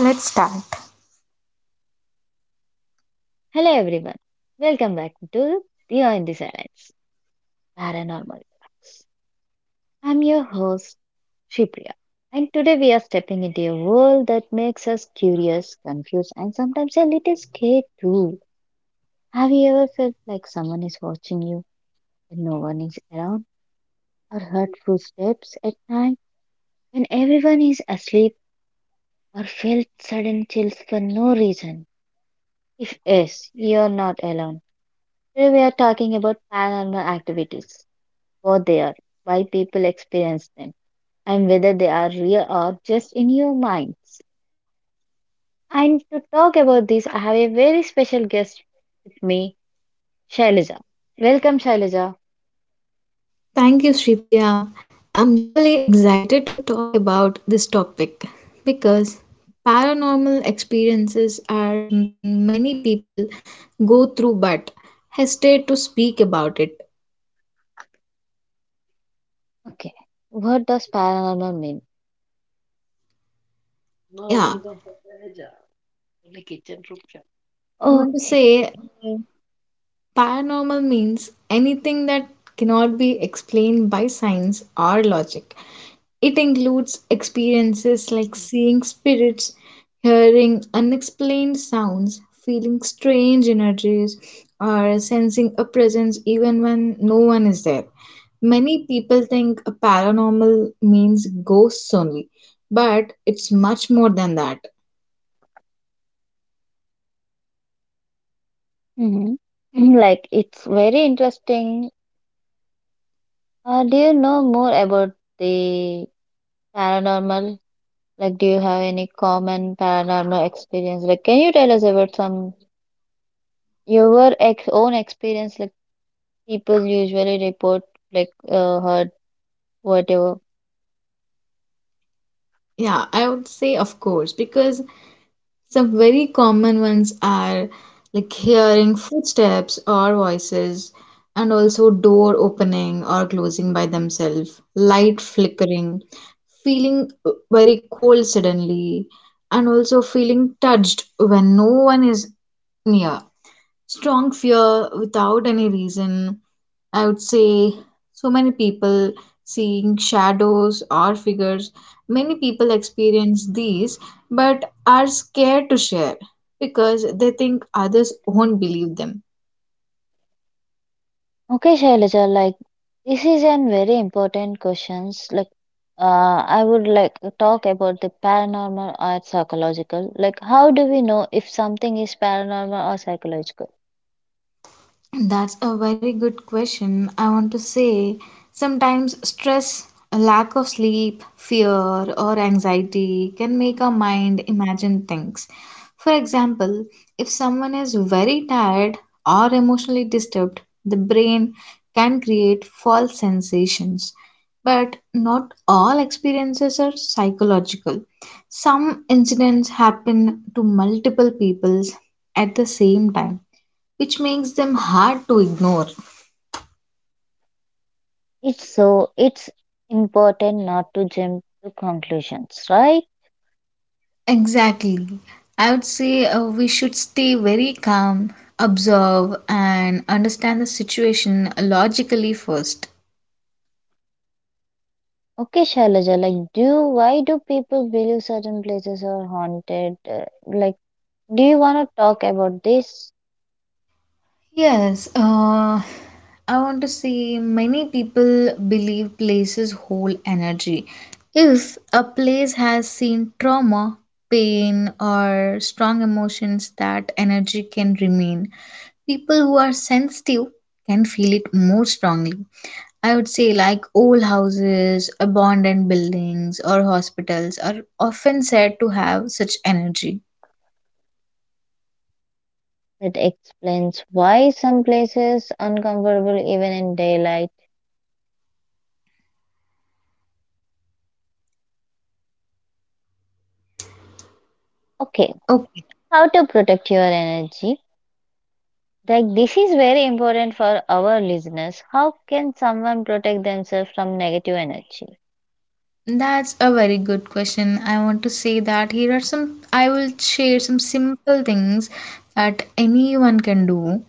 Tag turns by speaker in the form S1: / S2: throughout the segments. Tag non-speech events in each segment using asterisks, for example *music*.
S1: Let's start.
S2: Hello everyone. Welcome back to Beyond the Silence Paranormal. Talks. I'm your host Shipriya, and today we are stepping into a world that makes us curious, confused, and sometimes a little scared too. Have you ever felt like someone is watching you when no one is around, or heard footsteps at night when everyone is asleep, or felt sudden chills for no reason? If yes, you're not alone. Today we are talking about paranormal activities for they are, why people experience them, and whether they are real or just in your minds. And to talk about this, I have a very special guest with me, Shailaja. Welcome, Shailaja.
S1: Thank you, Sri Priya. I'm really excited to talk about this topic because paranormal experiences are something many people go through but hesitate to speak about it.
S2: Okay, what does paranormal mean? No,
S1: Yeah,
S2: welcome, for Shailaja. Only kitchen room chat.
S1: I want to
S2: Okay.
S1: say Paranormal means anything that cannot be explained by science or logic. It includes experiences like seeing spirits, hearing unexplained sounds, feeling strange energies, or sensing a presence even when no one is there. Many people think a paranormal means ghosts only, but it's much more than that.
S2: Mm-hmm. Mm, like it's very interesting. Do you know more about the paranormal? Like, do you have any common paranormal experience? Like, can you tell us about some? Your ex own experience, like people usually report, like hurt, whatever.
S1: Yeah, I would say of course, because some very common ones are like hearing footsteps or voices, and also door opening or closing by themselves, light flickering, feeling very cold suddenly, and also feeling touched when no one is near, strong fear without any reason. I would say so many people seeing shadows or figures. Many people experience these but are scared to share because they think others won't believe them.
S2: Okay, Shailaja, like this is an very important questions. Like, uh, I would like to talk about the paranormal or psychological. Like, how do we know if something is paranormal or psychological?
S1: That's a very good question. I want to say sometimes stress, a lack of sleep, fear, or anxiety can make our mind imagine things. For example, if someone is very tired or emotionally disturbed, the brain can create false sensations. But not all experiences are psychological. Some incidents happen to multiple people at the same time which makes them hard to ignore.
S2: It's so it's important not to jump to conclusions, right?
S1: Exactly. I would say we should stay very calm, observe, and understand the situation logically first.
S2: Okay, Shailaja, like, do why do people believe certain places are haunted? Like, do you want to talk about this?
S1: Yes, I want to say many people believe places hold energy. If a place has seen trauma, pain, or strong emotions, that energy can remain. People who are sensitive can feel it more strongly. I would say, like old houses, abandoned buildings, or hospitals are often said to have such energy.
S2: It explains why some places uncomfortable even in daylight. Okay,
S1: Okay.
S2: how to protect your energy? Like this is very important for our listeners. How can someone protect themselves from negative energy?
S1: That's a very good question. I want to say that here are some, I will share some simple things that anyone can do.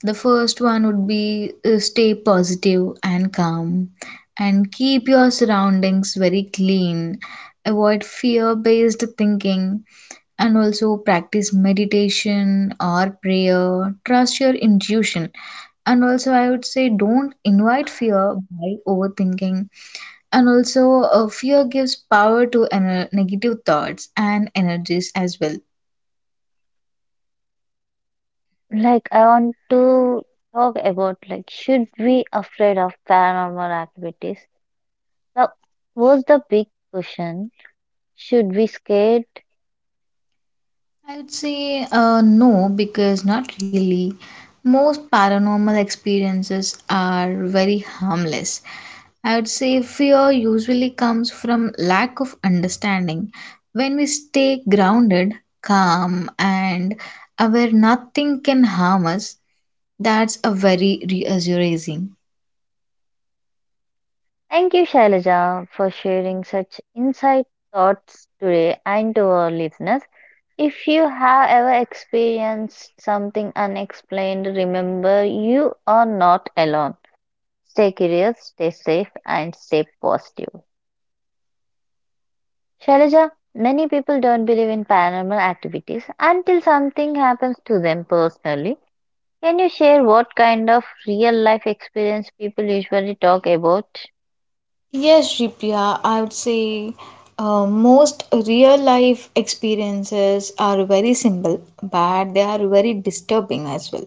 S1: The first one would be stay positive and calm and keep your surroundings very clean. Avoid fear-based thinking and also practice meditation or prayer. Trust your intuition. And also, I would say don't invite fear by overthinking and also, fear gives power to negative thoughts and energies as well.
S2: Like I want to talk about like should we afraid of paranormal activities? Now, what's the big question? Should we scared.
S1: I would say no, because not really. Most paranormal experiences are very harmless. I would say fear usually comes from lack of understanding. When we stay grounded, calm, and aware nothing can harm us, that's a very reassuring.
S2: Thank you, Shailaja, for sharing such insight thoughts today and to our listeners. If you have ever experienced something unexplained, remember you are not alone. Stay curious, stay safe, and stay positive. Shailaja, many people don't believe in paranormal activities until something happens to them personally. Can you share what kind of real life experience people usually talk about?
S1: Yes, Ripya, I would say most real life experiences are very simple, but they are very disturbing as well.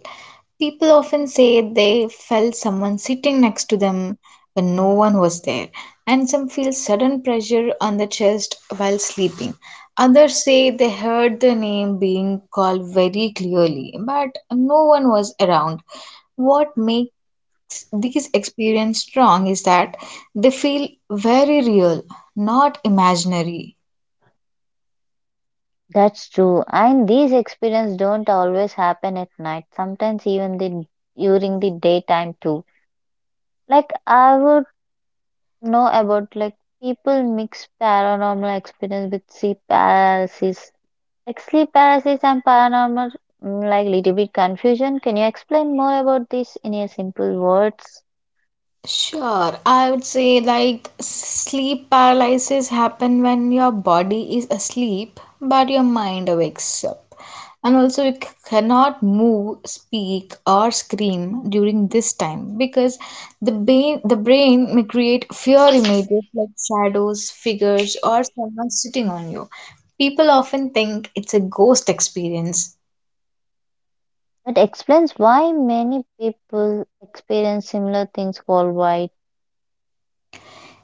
S1: People often say they felt someone sitting next to them when no one was there, and some feel sudden pressure on the chest while sleeping. Others say they heard the name being called very clearly, but no one was around. What makes these experiences strong is that they feel very real, not imaginary.
S2: That's true. And these experiences don't always happen at night. Sometimes even the during the daytime too. Like I would know about like people mix paranormal experience with sleep paralysis. Like sleep paralysis and paranormal like little bit confusion. Can you explain more about this in a simple words?
S1: Sure, I would say like sleep paralysis happen when your body is asleep but your mind wakes up. And also you cannot move, speak or scream during this time because the brain may create fear images like shadows, figures or someone sitting on you. People often think it's a ghost experience.
S2: That explains why many people experience similar things worldwide.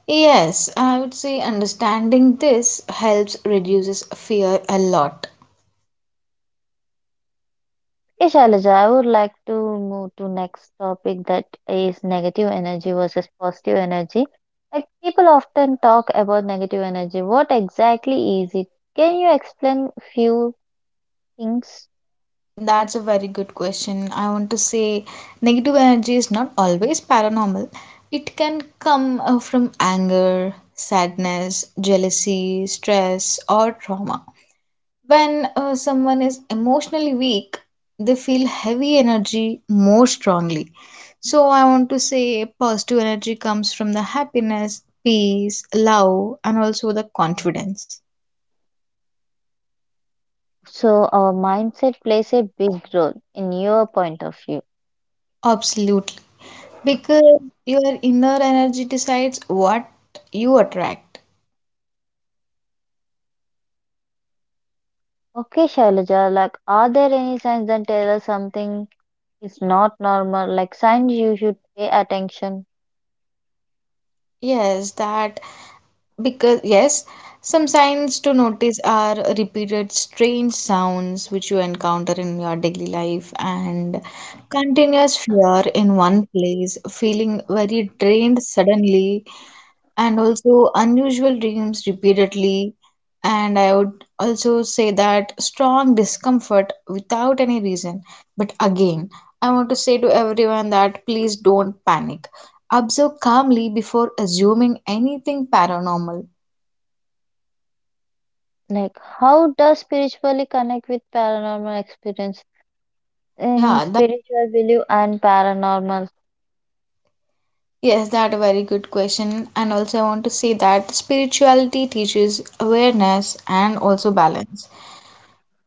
S1: Yes, I would say understanding this helps reduces fear a lot.
S2: Yes, Shailaja, I would like to move to next topic that is negative energy versus positive energy. Like people often talk about negative energy. What exactly is it? Can you explain few things?
S1: That's a very good question. I want to say negative energy is not always paranormal. It can come from anger, sadness, jealousy, stress, or trauma. When someone is emotionally weak, they feel heavy energy more strongly. So, I want to say positive energy comes from the happiness, peace, love, and also the confidence.
S2: So our mindset plays a big role in your point of view.
S1: Absolutely. Because your inner energy decides what you attract.
S2: Okay, Shailaja, like are there any signs that tell us something is not normal? Like signs you should pay attention.
S1: Yes, that because yes, some signs to notice are repeated strange sounds which you encounter in your daily life and continuous fear in one place, feeling very drained suddenly, and also unusual dreams repeatedly. And I would also say that strong discomfort without any reason. But again, I want to say to everyone that please don't panic. Observe calmly before assuming anything paranormal.
S2: Like how does spiritually connect with paranormal experiences? In
S1: Yeah, that
S2: spiritual belief and paranormal.
S1: yes, that a very good question. And also I want to say that spirituality teaches awareness and also balance.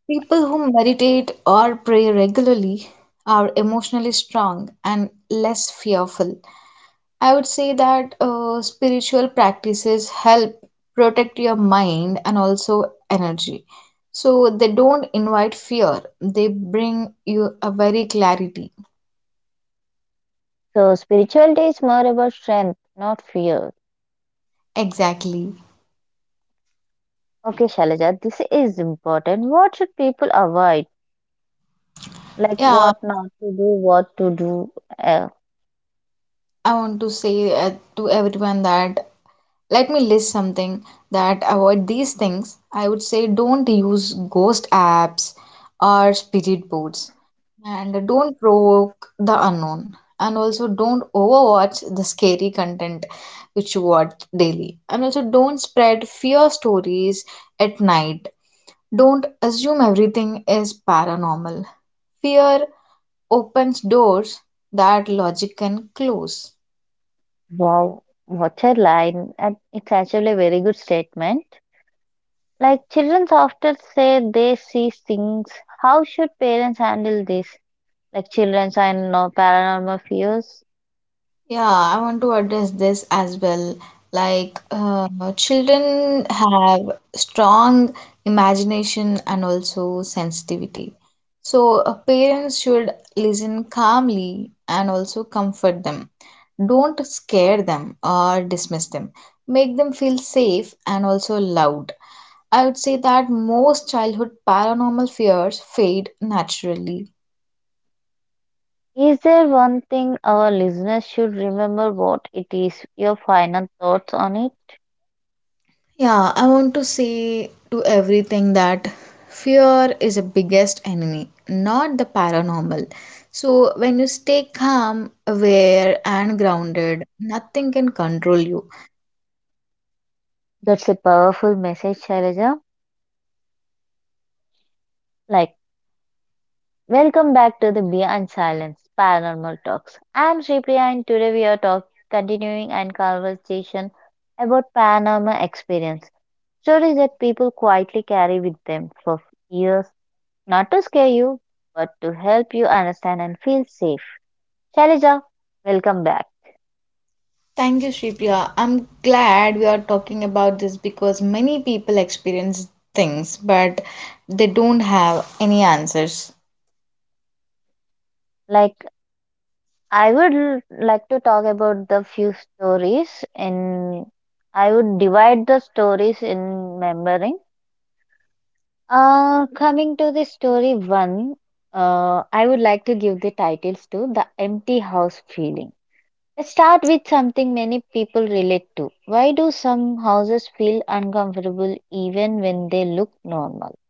S1: People who meditate or pray regularly are emotionally strong and less fearful. I would say that spiritual practices help protect your mind and also energy. So they don't invite fear, they bring you a very clarity.
S2: So, spirituality is more about strength, not fear.
S1: Exactly.
S2: Okay, Shailaja, this is important. What should people avoid? Like,
S1: Yeah,
S2: what not to do, what to do. Uh,
S1: I want to say to everyone that let me list something that avoid these things. I would say don't use ghost apps or spirit boards, and don't provoke the unknown, and also don't overwatch the scary content which you watch daily, and also don't spread fear stories at night, don't assume everything is paranormal. Fear opens doors that logic can close.
S2: wow, what a line. And it's actually a very good statement. Like, children often say they see things. How should parents handle this? Like, children are no paranormal fears.
S1: Yeah, I want to address this as well. Like, children have strong imagination and also sensitivity. So, parents should listen calmly and also comfort them. Don't scare them or dismiss them. Make them feel safe and also loved. I would say that most childhood paranormal fears fade naturally.
S2: Is there one thing our listeners should remember? What it is? Your final thoughts on it?
S1: Yeah, I want to say to everything that fear is a biggest enemy, not the paranormal. So when you stay calm, aware and grounded, nothing can control you.
S2: That's a powerful message, Shailaja. Like, welcome back to the Beyond Silence Paranormal Talks. I'm Shripriya, and today we are talk continuing and conversation about paranormal experience stories that people quietly carry with them for years, not to scare you, but to help you understand and feel safe. Shailaja, welcome back.
S1: Thank you, Shripriya. I'm glad we are talking about this because many people experience things, but they don't have any answers.
S2: Like. I would like to talk about the few stories in I would divide the stories in remembering. Coming to the story one, I would like to give the titles to the empty house feeling. Let's start with something many people relate to. Why do some houses feel uncomfortable even when they look normal?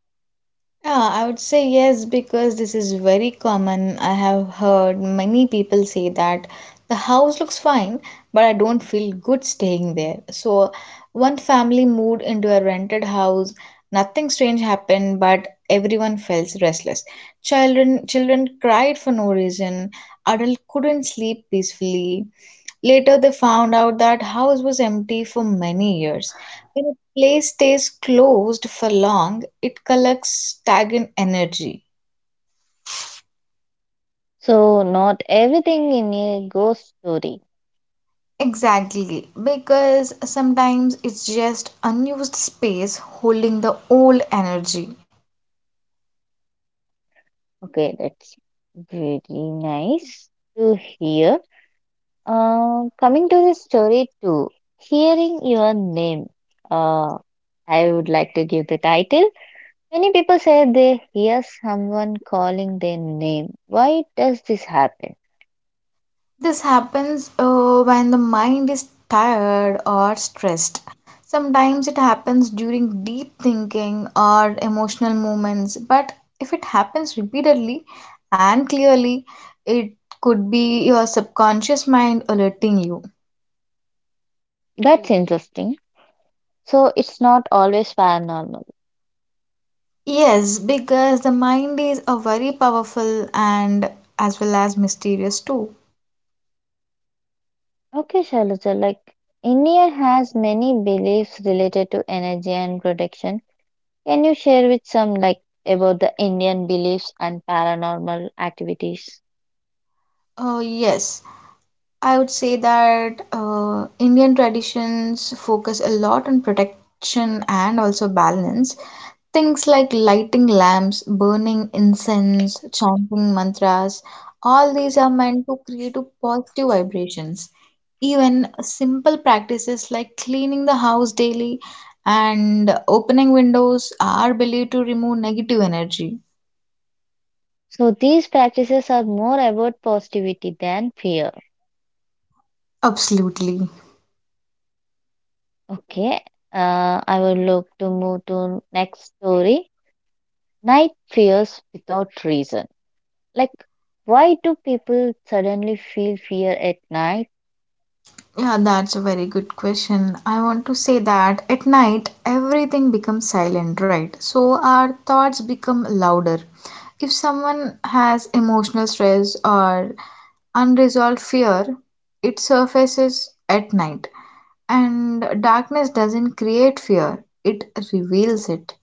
S1: Yeah, I would say yes because this is very common. I have heard many people say that the house looks fine, but I don't feel good staying there. So, one family moved into a rented house. Nothing strange happened, but everyone felt restless. Children cried for no reason. Adult couldn't sleep peacefully. Later, they found out that house was empty for many years. When a place stays closed for long, it collects stagnant energy.
S2: So not everything in a ghost story.
S1: Exactly, because sometimes it's just unused space holding the old energy.
S2: Okay, that's very nice to hear. Coming to the story two, hearing your name, uh, I would like to give the title. Many people say they hear someone calling their name. Why does this happen?
S1: This happens when the mind is tired or stressed. Sometimes it happens during deep thinking or emotional moments, but if it happens repeatedly and clearly, it could be your subconscious mind alerting you.
S2: That's mm, interesting. So it's not always paranormal.
S1: Yes, because the mind is a very powerful and as well as mysterious too.
S2: Okay, Shailaja, like India has many beliefs related to energy and protection. Can you share with some like about the Indian beliefs and paranormal activities?
S1: Oh, yes. I would say that Indian traditions focus a lot on protection and also balance. Things like lighting lamps, burning incense, chanting mantras, all these are meant to create a positive vibrations. Even simple practices like cleaning the house daily and opening windows are believed to remove negative energy.
S2: So these practices are more about positivity than fear.
S1: Absolutely.
S2: Okay, I will look to move to next story. Night fears without reason. Like, why do people suddenly feel fear at night?
S1: Yeah, that's a very good question. I want to say that at night everything becomes silent, right? So our thoughts become louder. If someone has emotional stress or unresolved fear, it surfaces at night. And darkness doesn't create fear, it reveals it.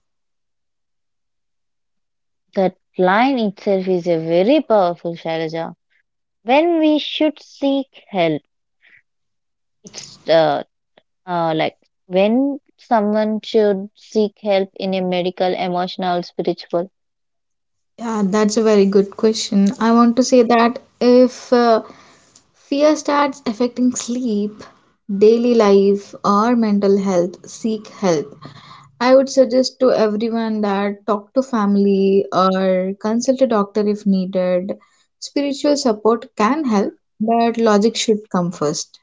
S2: That line itself is a very powerful Shailaja. When we should seek help, it's like when someone should seek help in a medical, emotional, spiritual.
S1: Yeah, that's a very good question. I want to say that if fear starts affecting sleep, daily life, or mental health, seek help. I would suggest to everyone that talk to family or consult a doctor if needed. Spiritual support can help, but logic should come first.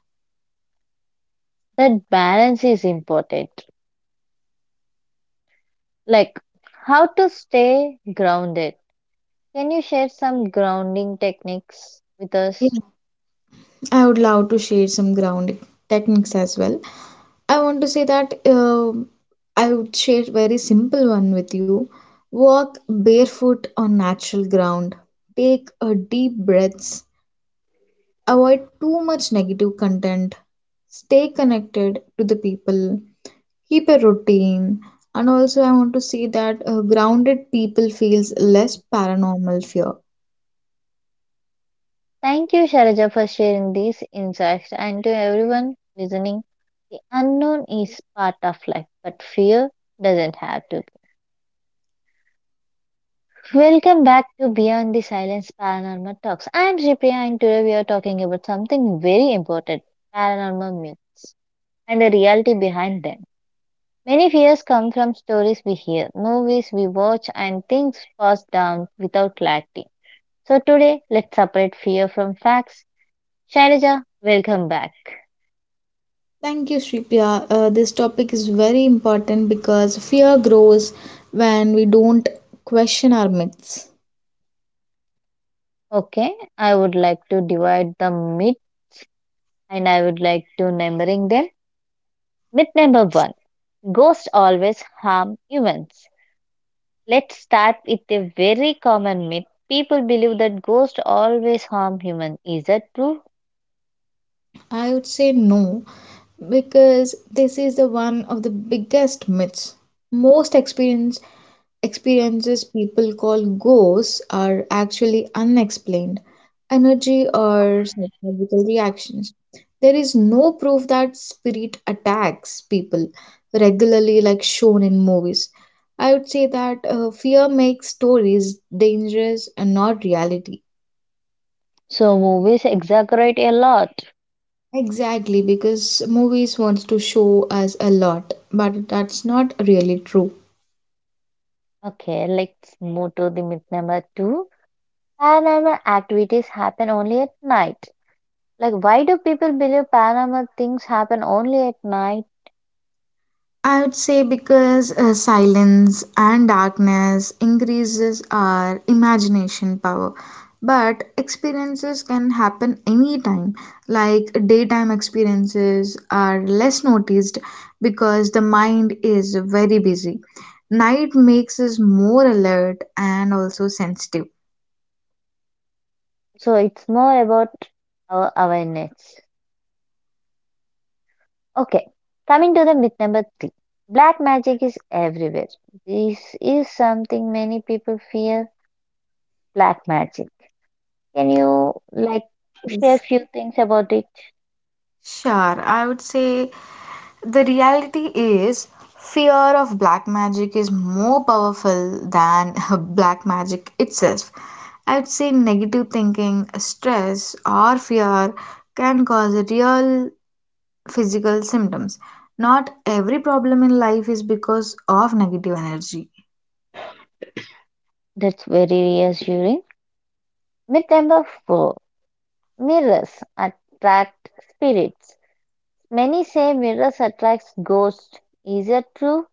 S2: That balance is important. Like how to stay grounded. Can you share some grounding techniques with
S1: Yeah,
S2: us?
S1: I would love to share some grounding techniques as well. I want to say that I would share very simple one with you. Walk barefoot on natural ground. Take a deep breaths. Avoid too much negative content. Stay connected to the people. Keep a routine. And also I want to say that grounded people feels less paranormal fear.
S2: Thank you, Sharaja, for sharing these insights. And to everyone listening, the unknown is part of life, but fear doesn't have to be. Welcome back to Beyond the Silence Paranormal Talks. I'm Shripriya, and today we are talking about something very important paranormal myths and the reality behind them. Many fears come from stories we hear, movies we watch, and things passed down without clarity. So today, let's separate fear from facts. Shailaja, welcome back.
S1: Thank you, Shripriya. This topic is very important because fear grows when we don't question our myths.
S2: Okay, I would like to divide the myth and I would like to numbering them. Myth number one, ghosts always harm humans. Let's start with a very common myth. People believe that ghosts always harm humans. Is that true?
S1: I would say no because this is the one of the biggest myths. Most experiences people call ghosts are actually unexplained energy or psychological reactions. There is no proof that spirit attacks people regularly like shown in movies. I would say that fear makes stories dangerous and not reality.
S2: So movies exaggerate a lot.
S1: Exactly, because movies wants to show us a lot, but that's not really true.
S2: Okay, let's move to the myth number two. Paranormal activities happen only at night. Like, why do people believe paranormal things happen only at night?
S1: I would say because silence and darkness increases our imagination power. But experiences can happen anytime. Like daytime experiences are less noticed because the mind is very busy. Night makes us more alert and also sensitive.
S2: So, it's more about our awareness. Okay, coming to the myth number three. Black magic is everywhere. This is something many people fear. Black magic. Can you, like, share
S1: Yes.
S2: few things about it?
S1: Sure, I would say the reality is, fear of black magic is more powerful than *laughs* black magic itself. I'd say negative thinking, stress, or fear can cause real physical symptoms. Not every problem in life is because of negative energy.
S2: That's very reassuring. Myth number four. Mirrors attract spirits. Many say mirrors attracts ghosts. Is it true?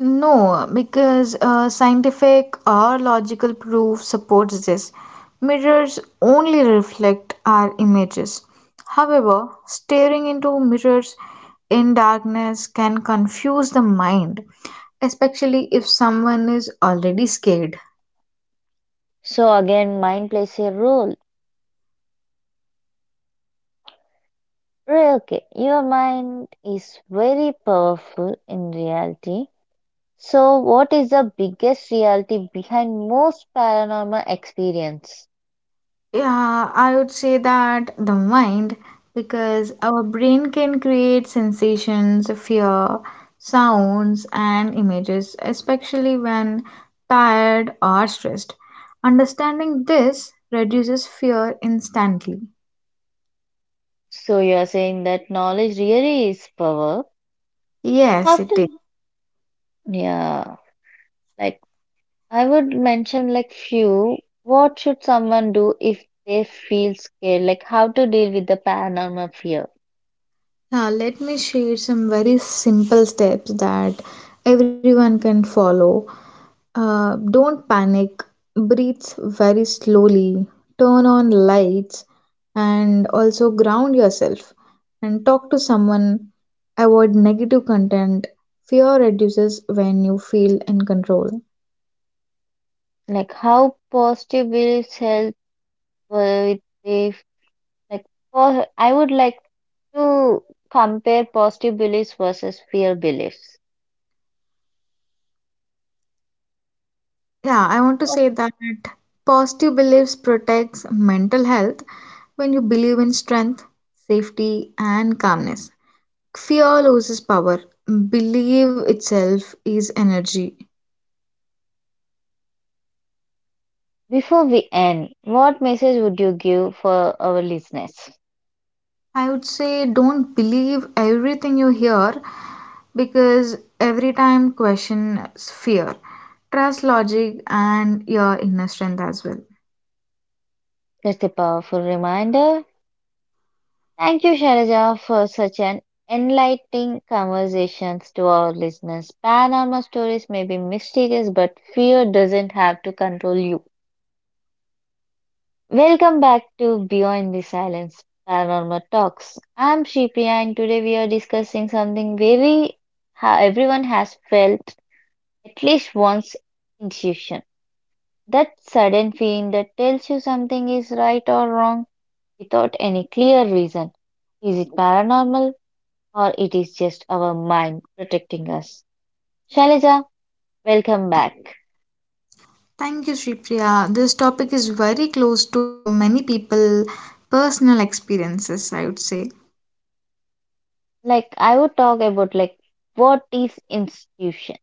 S1: No, because scientific or logical proof supports this. Mirrors only reflect our images. However, staring into mirrors in darkness can confuse the mind, especially if someone is already scared.
S2: So again, mind plays a role. Okay, your mind is very powerful in reality. So what is the biggest reality behind most paranormal experience?
S1: Yeah, I would say that the mind, because our brain can create sensations, fear, sounds, and images, especially when tired or stressed. Understanding this reduces fear instantly.
S2: So you are saying that knowledge really is power.
S1: Yes,
S2: After
S1: it is.
S2: yeah, like I would mention like few. What should someone do if they feel scared? Like how to deal with the paranormal fear?
S1: Now, let me share some very simple steps that everyone can follow. Don't panic, breathe very slowly, turn on lights, and also ground yourself and talk to someone. Avoid negative content. Fear reduces when you feel in control.
S2: Like how positive is help with if like I would like to compare positive beliefs versus fear beliefs.
S1: Yeah, I want to say that positive beliefs protects mental health when you believe in strength, safety, and calmness. Fear loses power. Believe itself is energy.
S2: Before we end, what message would you give for our listeners?
S1: I would say don't believe everything you hear because every time question is fear. Trust logic and your inner strength as well.
S2: Just a powerful reminder. Thank you, Sharaja, for such an enlightening conversations to our listeners. Paranormal stories may be mysterious, but fear doesn't have to control you. Welcome back to Beyond the Silence Paranormal Talks. I'm Shipi and today we are discussing something very everyone has felt at least once intuition. That sudden feeling that tells you something is right or wrong without any clear reason. Is it paranormal or it is just our mind protecting us? Shalija, welcome back.
S1: Thank you, Shripriya. This topic is very close to many people' personal experiences, I would say.
S2: Like I would talk about like what is institution?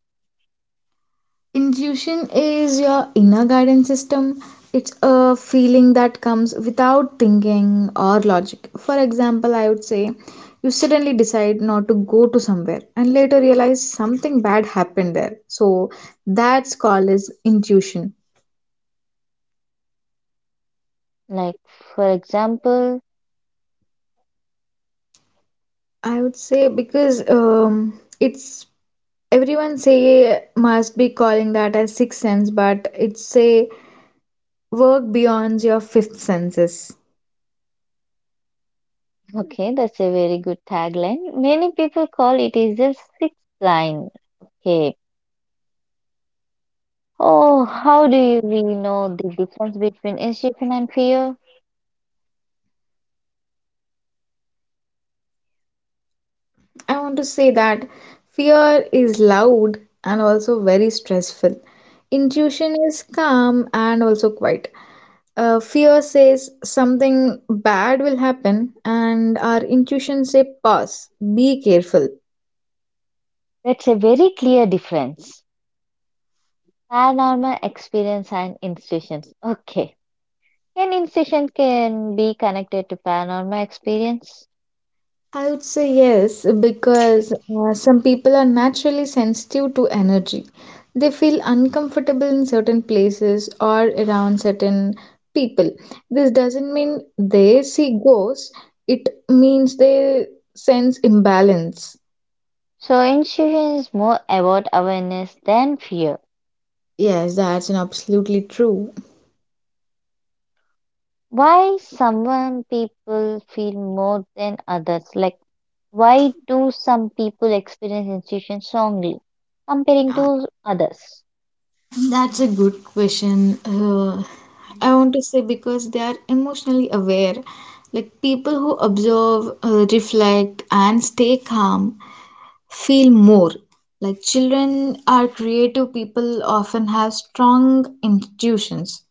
S1: Intuition is your inner guidance system. It's a feeling that comes without thinking or logic. For example, I would say you suddenly decide not to go to somewhere and later realize something bad happened there. So that's called as intuition.
S2: Like for example.
S1: I would say because it's everyone say must be calling that as sixth sense, but it's say work beyond your fifth senses.
S2: Okay, that's a very good tagline. Many people call it is a six line. Okay. Oh, how do you really know the difference between intuition and fear?
S1: I want to say that fear is loud and also very stressful. Intuition is calm and also quiet. Fear says something bad will happen, and our intuition say pause, be careful.
S2: That's a very clear difference. Paranormal experience and institutions. Okay. Can institution can be connected to paranormal experience?
S1: I would say yes, because some people are naturally sensitive to energy. They feel uncomfortable in certain places or around certain people. This doesn't mean they see ghosts, it means they sense imbalance.
S2: So intuition is more about awareness than fear.
S1: Yes, that's an absolutely true.
S2: Why some people feel more than others? Like why do some people experience institutions strongly
S1: Uh,
S2: comparing to others?
S1: That's a good question. I want to say because they are emotionally aware. Like people who observe, reflect, and stay calm feel more like children are creative people often have strong intuitions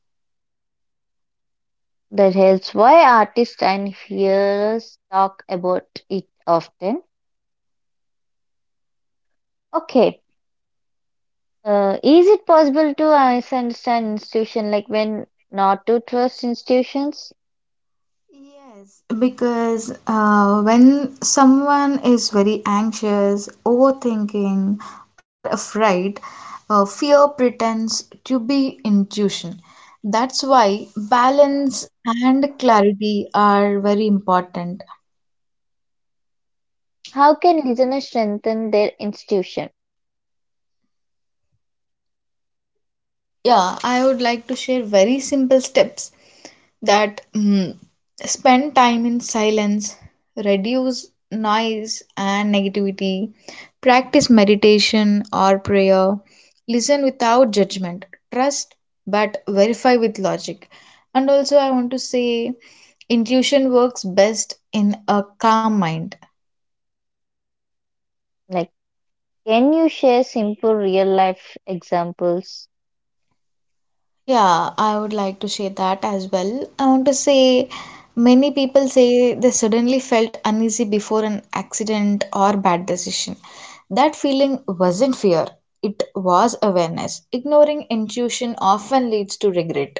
S2: That helps why artists and hearers talk about it often. Okay, is it possible to misunderstand institution like when not to trust institutions?
S1: yes because when someone is very anxious overthinking or afraid fear pretends to be intuition that's why balance and clarity are very important.
S2: How can listeners strengthen their institution?
S1: Yeah, I would like to share very simple steps that spend time in silence, reduce noise and negativity, practice meditation or prayer, listen without judgment, trust but verify with logic. And also, I want to say intuition works best in a calm mind.
S2: Like, can you share simple real life examples?
S1: Yeah, I would like to share that as well. I want to say many people say they suddenly felt uneasy before an accident or bad decision. That feeling wasn't fear, it was awareness. Ignoring intuition often leads to regret.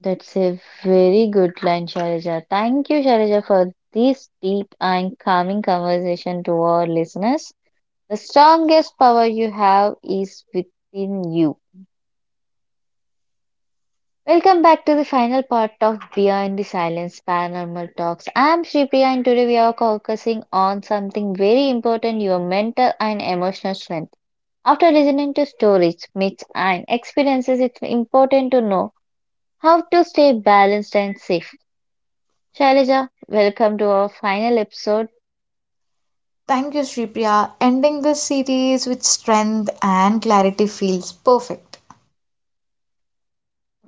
S2: That's a very good line, Sharija. Thank you, Sharija, for this deep and calming conversation to our listeners. The strongest power you have is within you. Welcome back to the final part of Beyond the Silence Paranormal Talks. I'm Shripi, and today we are focusing on something very important your mental and emotional strength. After listening to stories, myths, and experiences, it's important to know how to stay balanced and safe. Shailaja, welcome to our final episode.
S1: Thank you, Shripriya. Ending this series with strength and clarity feels perfect.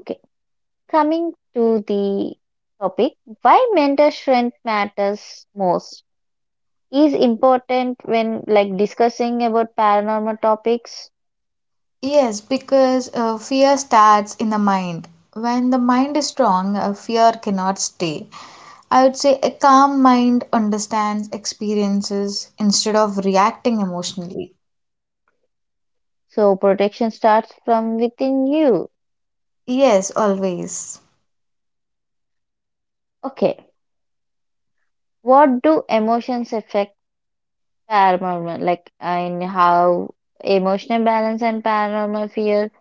S2: Okay, coming to the topic, why mental strength matters most is important when like discussing about paranormal topics.
S1: Yes, because fear starts in the mind. When the mind is strong, fear cannot stay. I would say a calm mind understands experiences instead of reacting emotionally.
S2: So protection starts from within you.
S1: Yes, always.
S2: Okay, what do emotions affect paranormal? Like and how emotional balance and paranormal fear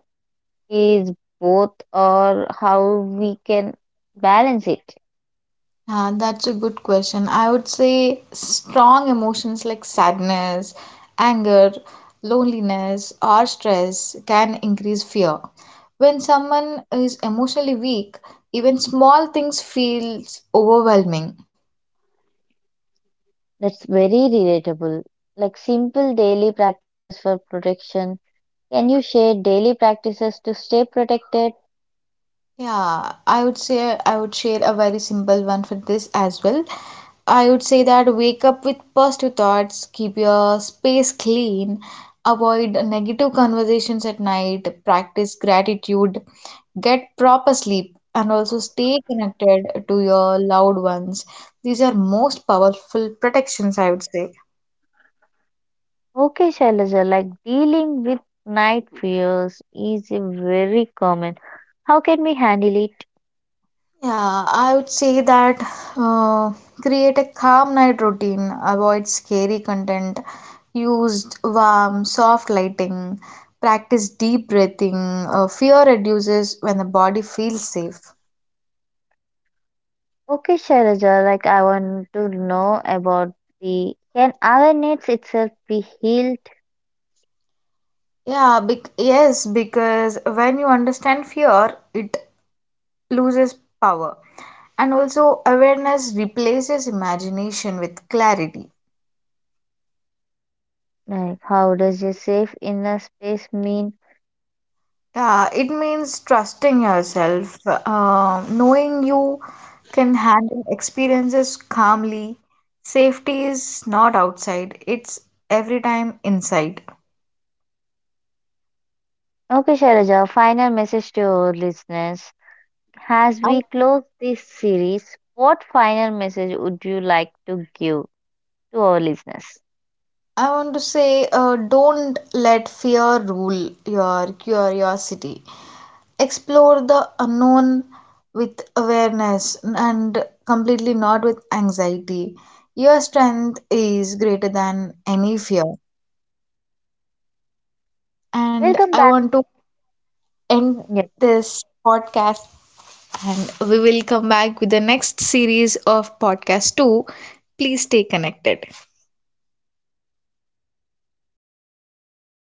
S2: is both, or how we can balance it.
S1: That's a good question. I would say strong emotions like sadness, anger, loneliness, or stress can increase fear. When someone is emotionally weak, even small things feels overwhelming.
S2: That's very relatable. Like simple daily practices for protection. Can you share daily practices to stay protected?
S1: Yeah, I would say I would share a very simple one for this as well. I would say that wake up with positive thoughts, keep your space clean, avoid negative conversations at night, practice gratitude, get proper sleep, and also stay connected to your loved ones. These are most powerful protections, I would say.
S2: Okay, Shailaja, like dealing with night fears is very common. How can we handle it?
S1: Yeah, I would say that uh, create a calm night routine, avoid scary content, use warm, soft lighting, practice deep breathing. Fear reduces when the body feels safe.
S2: Okay, Shailaja, like I want to know about the can awareness itself be healed?
S1: Yeah, bec Yes, because when you understand fear, it loses power. And also, awareness replaces imagination with clarity.
S2: Like how does a safe inner space mean?
S1: Yeah, it means trusting yourself, knowing you can handle experiences calmly. Safety is not outside, it's every time inside.
S2: Okay, Shailaja, final message to our listeners. As
S1: I,
S2: we close this series, what final message would you like to give to our listeners?
S1: I want to say, don't let fear rule your curiosity. Explore the unknown with awareness and completely not with anxiety. Your strength is greater than any fear. And
S2: Welcome
S1: I
S2: back.
S1: want to end this podcast and we will come back with the next series of podcast 2. Please stay connected.